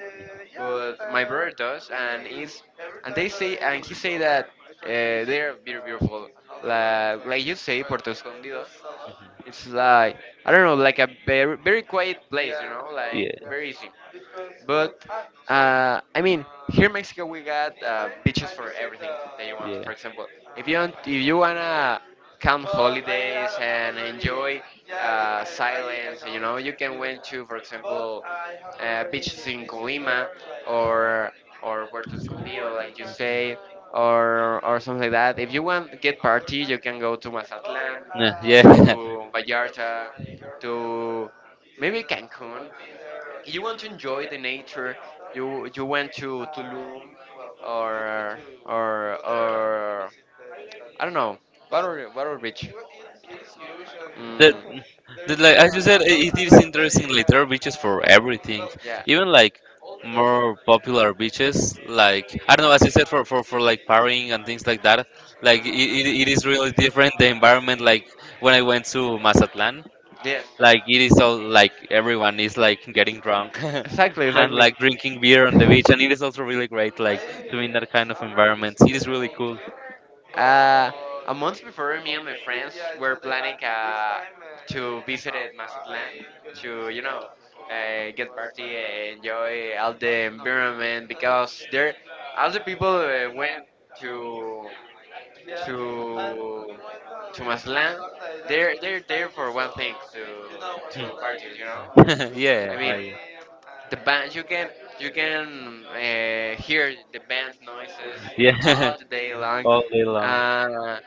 [SPEAKER 2] but my brother does, and is and they say and he say that, uh, they are very beautiful. Like, like you say, Puerto Escondido. It's like I don't know, like a very very quiet place, you know,
[SPEAKER 1] Yeah,
[SPEAKER 2] like very easy. But, uh, I mean, here in Mexico we got, uh, beaches for everything that you want. For example, if you want, if you wanna calm holidays and enjoy, uh, silence. You know, you can went to, for example, uh, beaches in Colima or or Puerto Escondido, like you say, or or something like that. If you want to get party, you can go to Mazatlan,
[SPEAKER 1] yeah.
[SPEAKER 2] to Vallarta,
[SPEAKER 1] Yeah.
[SPEAKER 2] to maybe Cancun. You want to enjoy the nature. You you went to Tulum or or or I don't know. Water, water beach. It was it's, it is huge, and
[SPEAKER 1] that
[SPEAKER 2] mm,
[SPEAKER 1] that,
[SPEAKER 2] there's,
[SPEAKER 1] like
[SPEAKER 2] uh,
[SPEAKER 1] as you
[SPEAKER 2] a
[SPEAKER 1] said, i-
[SPEAKER 2] lot
[SPEAKER 1] it
[SPEAKER 2] a
[SPEAKER 1] is
[SPEAKER 2] lot of, uh,
[SPEAKER 1] interesting, like there are
[SPEAKER 2] uh,
[SPEAKER 1] beaches for everything,
[SPEAKER 2] well yeah,
[SPEAKER 1] even like
[SPEAKER 2] all day there.
[SPEAKER 1] more popular beaches, like I don't know, as you said, for for, for like partying and things like that. Like it, it, it is really different the environment. Like when I went to Mazatlan,
[SPEAKER 2] Yes.
[SPEAKER 1] like it is all like everyone is like getting drunk
[SPEAKER 2] Exactly.
[SPEAKER 1] and
[SPEAKER 2] Exactly.
[SPEAKER 1] like drinking beer on the beach, and it is also really great like
[SPEAKER 2] I
[SPEAKER 1] to be in that kind of
[SPEAKER 2] already
[SPEAKER 1] environment. It
[SPEAKER 2] visited
[SPEAKER 1] is
[SPEAKER 2] the
[SPEAKER 1] really
[SPEAKER 2] whole
[SPEAKER 1] cool.
[SPEAKER 2] museum. Uh, a month before, me and my friends, yeah, were planning and, uh, to, uh, visit at mazatlan to, you know, uh, get party, uh, enjoy all the environment because there, all the people, uh, went to, yeah, to to Maslan, they're they're there for one thing, to to parties, you know. Uh, I
[SPEAKER 1] yeah
[SPEAKER 2] mean,
[SPEAKER 1] I,
[SPEAKER 2] the band you can, you can, uh, hear the band noises all
[SPEAKER 1] Yeah,
[SPEAKER 2] the day long.
[SPEAKER 1] all day long.
[SPEAKER 2] Uh,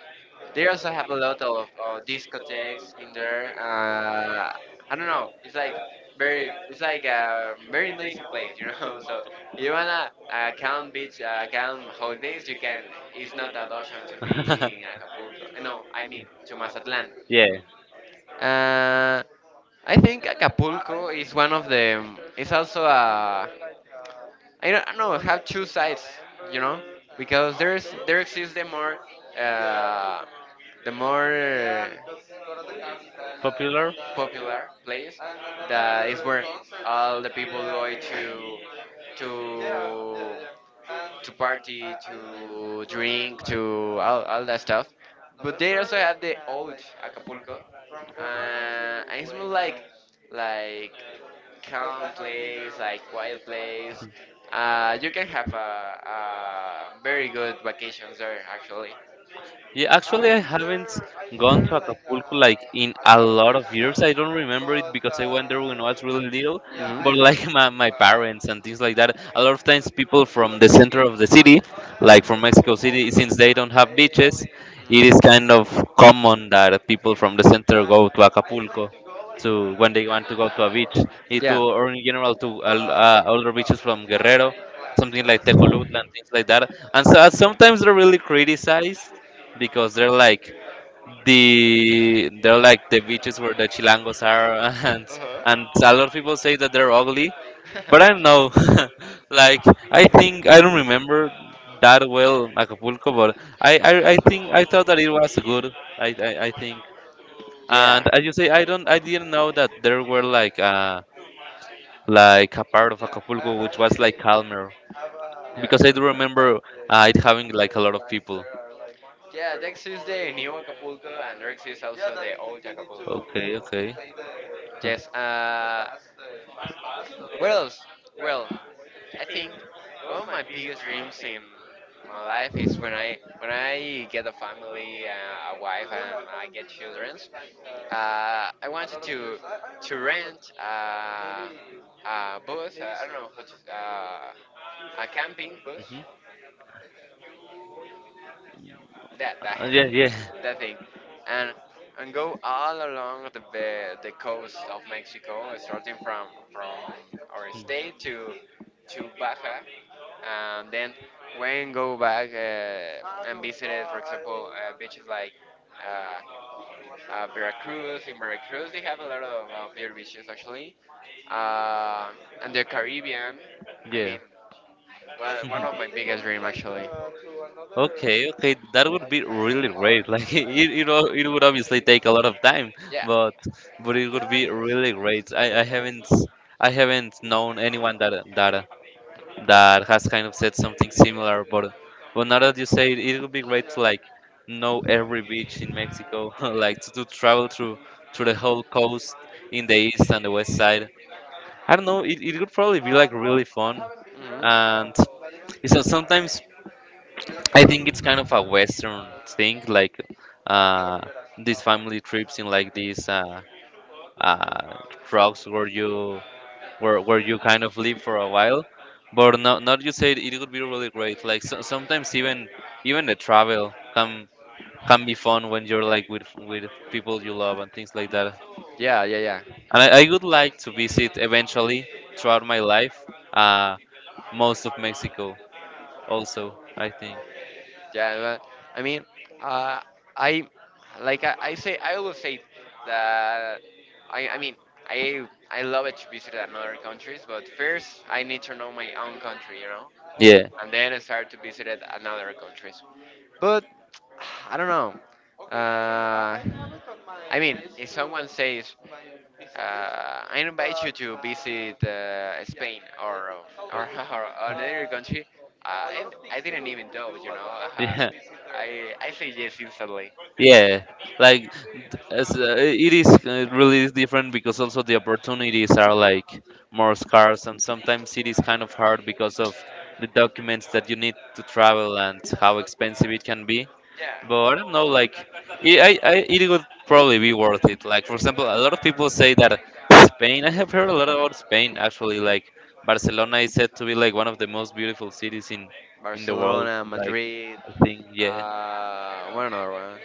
[SPEAKER 2] they also have a lot of, uh, discotheques in there. Uh, I don't know. It's like very, it's like a very nice place, you know. So you wanna, uh, come beach, uh, come holidays, you can. It's not an option to be in Acapulco. Uh, No, I mean to Mazatlan.
[SPEAKER 1] Yeah,
[SPEAKER 2] Uh, I think Acapulco is one of the. It's also a. I don't know. Have two sides, you know, because there's there exists the more, uh, the more
[SPEAKER 1] popular.
[SPEAKER 2] popular place, that is where all the people go to to to party, to drink, to all, all that stuff. But they also have the old Acapulco, uh, and it's more like like calm place, like quiet place. Uh, you can have a, a very good vacations there actually.
[SPEAKER 1] Yeah, actually, I haven't gone to Acapulco like in a lot of years. I don't remember it because I went there when I was really little, but like my, my parents and things like that. A lot of times, people from the center of the city, like from Mexico City, since they don't have beaches, it is kind of common that people from the center go to
[SPEAKER 2] Mhm.
[SPEAKER 1] Acapulco to when they want to go to a beach, eh, to
[SPEAKER 2] Yeah.
[SPEAKER 1] or in general to uh, uh, older beaches from Guerrero, something like Tecolutla and things like that. And so sometimes they're really criticized because they're like the they're like the beaches where the chilangos are and
[SPEAKER 2] Uh
[SPEAKER 1] and a lot of people say that they're ugly,
[SPEAKER 2] huh.
[SPEAKER 1] but I don't know. Like, I think, I don't remember that well Acapulco, but I, I I think I thought that it was good. i i, I think,
[SPEAKER 2] Yeah.
[SPEAKER 1] and as you say, i don't I didn't know that there were like uh like a part of
[SPEAKER 2] Yeah,
[SPEAKER 1] Acapulco which was like
[SPEAKER 2] I,
[SPEAKER 1] calmer,
[SPEAKER 2] I have a.
[SPEAKER 1] because I do
[SPEAKER 2] Yeah.
[SPEAKER 1] remember
[SPEAKER 2] That,
[SPEAKER 1] uh,
[SPEAKER 2] uh,
[SPEAKER 1] it having like a lot of people.
[SPEAKER 2] yeah, next is the new Acapulco, and next is also the old Acapulco.
[SPEAKER 1] Okay, okay. Huh.
[SPEAKER 2] Yes. Uh, what else? Well, I think one of my biggest dreams in my life is when I when I get a family, uh, a wife, and I get children. Uh, I wanted to to rent, uh, a bus. Uh, I don't know, how to- uh, a camping bus
[SPEAKER 1] Mhm.
[SPEAKER 2] that that
[SPEAKER 1] Uh, yeah, yeah,
[SPEAKER 2] that thing, and and go all along the the, the coast of Mexico, starting from from our state to to Baja, and then when go back, uh, and visited, for example, uh, beaches like. Uh, uh, Veracruz. In Veracruz, they have a lot of, of beer beaches actually. Uh, and the Caribbean. I
[SPEAKER 1] yeah.
[SPEAKER 2] mean, well, one of my biggest dreams actually.
[SPEAKER 1] Okay, okay, that would be really great. Like it, it, o- it would obviously take a lot of time, yeah,
[SPEAKER 2] Yeah.
[SPEAKER 1] but but it would be really
[SPEAKER 2] Mhm.
[SPEAKER 1] great. I, I haven't I haven't known anyone that that that has kind of said something similar. But but now that you say it, it would be great to like know every beach in Mexico, like to, to travel through through the whole coast in the east and the west side. I don't know. It, it would probably be like really fun, and so sometimes I think it's kind of a Western thing, like uh, these family trips in like these uh, uh, trucks where you where where you kind of live for a while. But not not, you said it would be really great. Like so, sometimes even even the travel can can be fun when you're like with with people you love and things like that.
[SPEAKER 2] Yeah, yeah, yeah.
[SPEAKER 1] And I, I would like to visit eventually throughout my life uh, most of Mexico also, I think.
[SPEAKER 2] Yeah, but I mean, uh, I like I, I say I always say that I I mean I I love it to visit another countries, but first I need to know my own country, you know,
[SPEAKER 1] Yeah.
[SPEAKER 2] and then I start to visit another countries. But I don't know. Uh, I mean, if someone says, uh, I invite you to visit, uh, Spain or, or, or another country, uh, I, I didn't even doubt, you know. Uh,
[SPEAKER 1] Yeah.
[SPEAKER 2] I, I say yes instantly.
[SPEAKER 1] Yeah, like as, uh, it is uh, really is different, because also the opportunities are like more scarce, and sometimes it is kind of hard because of the documents that you need to travel and how expensive it can be.
[SPEAKER 2] Yeah.
[SPEAKER 1] But I don't know, like it, I, I, it would probably be worth it. Like for example, a lot of people say that Spain, I have heard a lot about Spain actually. Like Barcelona is said to be like one of the most beautiful cities in in the world.
[SPEAKER 2] Barcelona,
[SPEAKER 1] Like
[SPEAKER 2] Madrid,
[SPEAKER 1] I think, yeah.
[SPEAKER 2] uh, one another one.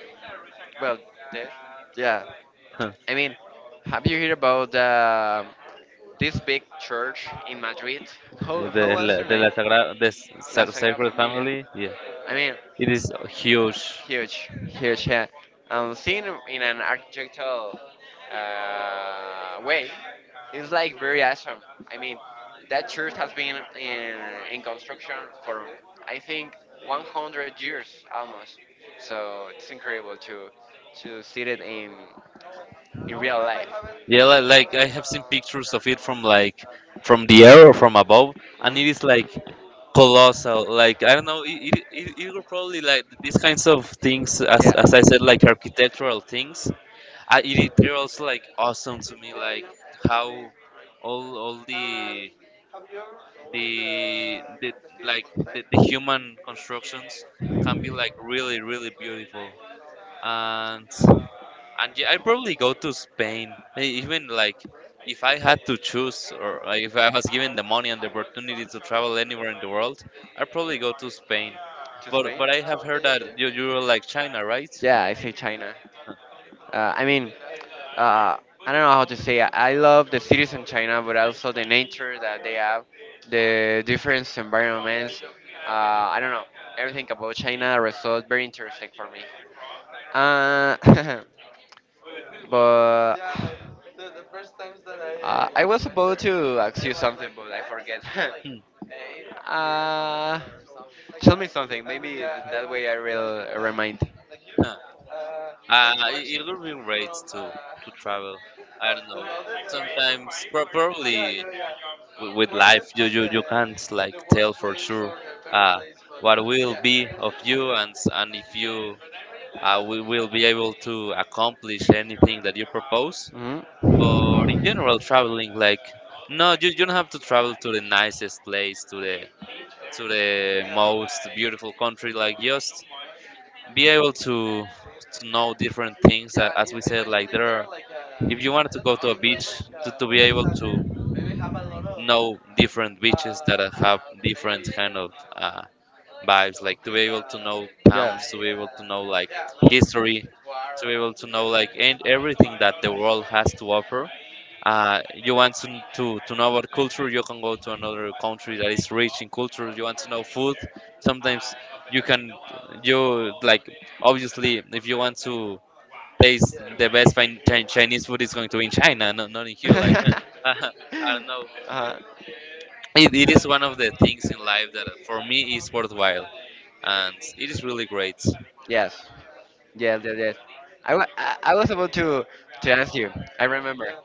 [SPEAKER 2] Well, this. Yeah. I mean, have you heard about, uh, this big church in Madrid?
[SPEAKER 1] Yeah,
[SPEAKER 2] How,
[SPEAKER 1] the,
[SPEAKER 2] how was
[SPEAKER 1] la-
[SPEAKER 2] her
[SPEAKER 1] de la
[SPEAKER 2] name?
[SPEAKER 1] Sagrada, the s-
[SPEAKER 2] La
[SPEAKER 1] sa-
[SPEAKER 2] Sagrada
[SPEAKER 1] Sacred
[SPEAKER 2] Familia.
[SPEAKER 1] Family. Yeah,
[SPEAKER 2] I mean,
[SPEAKER 1] it is huge.
[SPEAKER 2] huge, huge. Yeah. Um, seen in an architectural, uh, way, it's like very awesome. I mean, that church has been in, in construction for I think one hundred years almost. So it's incredible to to see it in in real life.
[SPEAKER 1] Yeah, li- like I have seen pictures of it from like from the air or from above,
[SPEAKER 2] Hmm.
[SPEAKER 1] and it is like colossal. Like I don't know, it it, it, it will probably like these kinds of things, as,
[SPEAKER 2] Yeah.
[SPEAKER 1] as I said, like architectural things. I, it, it- they're also like
[SPEAKER 2] Yeah,
[SPEAKER 1] awesome to me, like
[SPEAKER 2] yeah.
[SPEAKER 1] how all all
[SPEAKER 2] Um,
[SPEAKER 1] the
[SPEAKER 2] have you ever seen
[SPEAKER 1] the the like
[SPEAKER 2] Spain?
[SPEAKER 1] the, the human constructions can be like really really beautiful, and and yeah, I probably go to Spain. E- Even like if I had to choose, or like, if I was given the money and the opportunity to travel anywhere in the world, I'd probably go to Spain.
[SPEAKER 2] To
[SPEAKER 1] But
[SPEAKER 2] Spain?
[SPEAKER 1] but I
[SPEAKER 2] Uh,
[SPEAKER 1] have
[SPEAKER 2] okay,
[SPEAKER 1] heard
[SPEAKER 2] okay,
[SPEAKER 1] that
[SPEAKER 2] okay,
[SPEAKER 1] you you were like China, right?
[SPEAKER 2] okay. Yeah, I say China. Uh, I mean, uh, I don't know how to say. It. I love the cities in China, but also the nature that they have, the different environments. Uh, I don't know. Everything about China results very interesting for me. Uh, but, uh, I was about to ask you something, but I forget.
[SPEAKER 1] Huh. Hmm.
[SPEAKER 2] uh, tell me something. Maybe th- that way I will remind.
[SPEAKER 1] Huh. Uh, it it would be great to to travel. I don't know. Sometimes, pro- probably wi- with life you, you you can't like tell for sure uh what will be of you and s- and if you uh, we will be able to accomplish anything that you propose.
[SPEAKER 2] Hmm.
[SPEAKER 1] But in general, traveling like no, you, you don't have to travel to the nicest place, to the to the most beautiful country, like just be able to to know different things.
[SPEAKER 2] Yeah,
[SPEAKER 1] A- as we
[SPEAKER 2] I-
[SPEAKER 1] said,
[SPEAKER 2] imagine
[SPEAKER 1] like
[SPEAKER 2] live
[SPEAKER 1] there
[SPEAKER 2] there
[SPEAKER 1] are
[SPEAKER 2] like, uh,
[SPEAKER 1] if you
[SPEAKER 2] I
[SPEAKER 1] wanted to
[SPEAKER 2] don't
[SPEAKER 1] go
[SPEAKER 2] know.
[SPEAKER 1] to a
[SPEAKER 2] It was
[SPEAKER 1] beach,
[SPEAKER 2] like, uh,
[SPEAKER 1] to, to
[SPEAKER 2] a
[SPEAKER 1] be
[SPEAKER 2] place
[SPEAKER 1] able to
[SPEAKER 2] that maybe have a lot of,
[SPEAKER 1] know different
[SPEAKER 2] uh,
[SPEAKER 1] beaches that uh, have
[SPEAKER 2] uh
[SPEAKER 1] different
[SPEAKER 2] maybe
[SPEAKER 1] kind of uh, vibes,
[SPEAKER 2] stuff
[SPEAKER 1] like to
[SPEAKER 2] with,
[SPEAKER 1] be able to know
[SPEAKER 2] uh, yeah. I
[SPEAKER 1] towns,
[SPEAKER 2] uh,
[SPEAKER 1] to be able to know like
[SPEAKER 2] yeah, a lot of
[SPEAKER 1] history,
[SPEAKER 2] war
[SPEAKER 1] to be able to know like and
[SPEAKER 2] and
[SPEAKER 1] everything that the world has to offer. Uh, you want to, to, to know about culture, you can go to another country that is rich in culture. You want to know food, sometimes you can you like obviously if you want to taste the best fin- Chi- chinese food, is going to be in China, not not in here.
[SPEAKER 2] yeah yeah
[SPEAKER 1] Like
[SPEAKER 2] that's my
[SPEAKER 1] I
[SPEAKER 2] favorite.
[SPEAKER 1] don't know,
[SPEAKER 2] Uh-huh.
[SPEAKER 1] it, it is one of the things in life that for me is worthwhile, and it is really great.
[SPEAKER 2] Yes. Yes, yes, yes. I, wa- I, I was about to, to ask you. I remember. Yeah.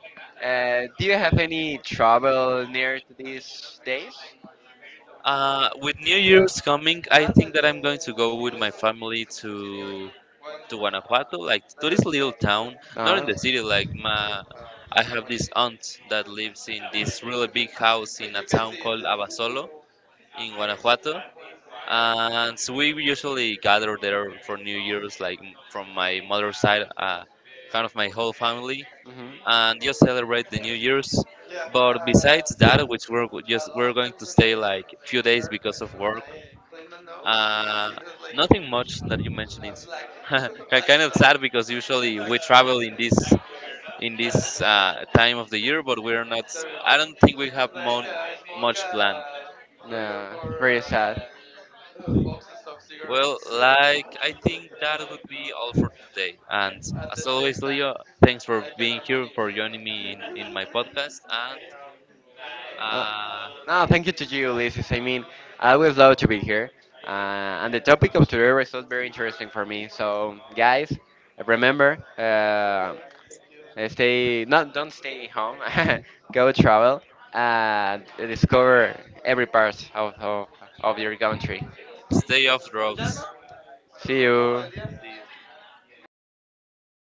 [SPEAKER 2] Uh, do you have any trouble near to these days?
[SPEAKER 1] uh, With New
[SPEAKER 2] Yeah,
[SPEAKER 1] Year's coming,
[SPEAKER 2] I
[SPEAKER 1] I
[SPEAKER 2] know that
[SPEAKER 1] think that
[SPEAKER 2] the
[SPEAKER 1] I'm going to go
[SPEAKER 2] the
[SPEAKER 1] with my
[SPEAKER 2] views in
[SPEAKER 1] family
[SPEAKER 2] Mexico City are
[SPEAKER 1] to
[SPEAKER 2] good. When
[SPEAKER 1] to Guanajuato, like to
[SPEAKER 2] there's
[SPEAKER 1] this little
[SPEAKER 2] not when.
[SPEAKER 1] town, not in
[SPEAKER 2] Uh-huh.
[SPEAKER 1] the city, like my I have this aunt that lives in this really big house
[SPEAKER 2] When
[SPEAKER 1] in a
[SPEAKER 2] you can
[SPEAKER 1] town
[SPEAKER 2] see it.
[SPEAKER 1] called Abasolo in Guanajuato, and so we usually gather there for New Year's, like m- from my mother's side, uh, kind of my whole family,
[SPEAKER 2] Hmm.
[SPEAKER 1] and just celebrate the New Year's.
[SPEAKER 2] Yeah,
[SPEAKER 1] But besides
[SPEAKER 2] uh,
[SPEAKER 1] that, which we're go-
[SPEAKER 2] a
[SPEAKER 1] just
[SPEAKER 2] lot
[SPEAKER 1] we're
[SPEAKER 2] of
[SPEAKER 1] going
[SPEAKER 2] times
[SPEAKER 1] to
[SPEAKER 2] when I
[SPEAKER 1] stay like
[SPEAKER 2] when
[SPEAKER 1] few
[SPEAKER 2] I'm
[SPEAKER 1] days
[SPEAKER 2] there
[SPEAKER 1] because
[SPEAKER 2] and
[SPEAKER 1] of
[SPEAKER 2] when
[SPEAKER 1] work.
[SPEAKER 2] I clean my nose,
[SPEAKER 1] Uh,
[SPEAKER 2] it was like,
[SPEAKER 1] Nothing much that you mentioned.
[SPEAKER 2] uh,
[SPEAKER 1] It's
[SPEAKER 2] black
[SPEAKER 1] ki-
[SPEAKER 2] black
[SPEAKER 1] kind of
[SPEAKER 2] stuff,
[SPEAKER 1] sad because usually
[SPEAKER 2] black
[SPEAKER 1] we
[SPEAKER 2] stuff.
[SPEAKER 1] travel in this in this uh,
[SPEAKER 2] Yeah.
[SPEAKER 1] time of the year, but we're not.
[SPEAKER 2] Sorry,
[SPEAKER 1] I don't think we
[SPEAKER 2] man.
[SPEAKER 1] have
[SPEAKER 2] Like,
[SPEAKER 1] mon-
[SPEAKER 2] I
[SPEAKER 1] much planned.
[SPEAKER 2] smoke, uh, no, for very sad. uh, boxes of
[SPEAKER 1] Well,
[SPEAKER 2] cigarettes
[SPEAKER 1] like I think that would be all for today. And
[SPEAKER 2] at the
[SPEAKER 1] as
[SPEAKER 2] same
[SPEAKER 1] always,
[SPEAKER 2] time,
[SPEAKER 1] Leo, thanks for
[SPEAKER 2] like an
[SPEAKER 1] being here, for joining me in, in my
[SPEAKER 2] harmonic.
[SPEAKER 1] podcast. And
[SPEAKER 2] Uh,
[SPEAKER 1] uh,
[SPEAKER 2] no, thank you to you, Ulysses. I mean, I always love to be here. Uh, and the topic of today was so very interesting for me. So, guys, remember, uh, Uh, stay not don't stay home. Go travel and discover every part of, of, of your country.
[SPEAKER 1] stay off drugs.
[SPEAKER 2] See you.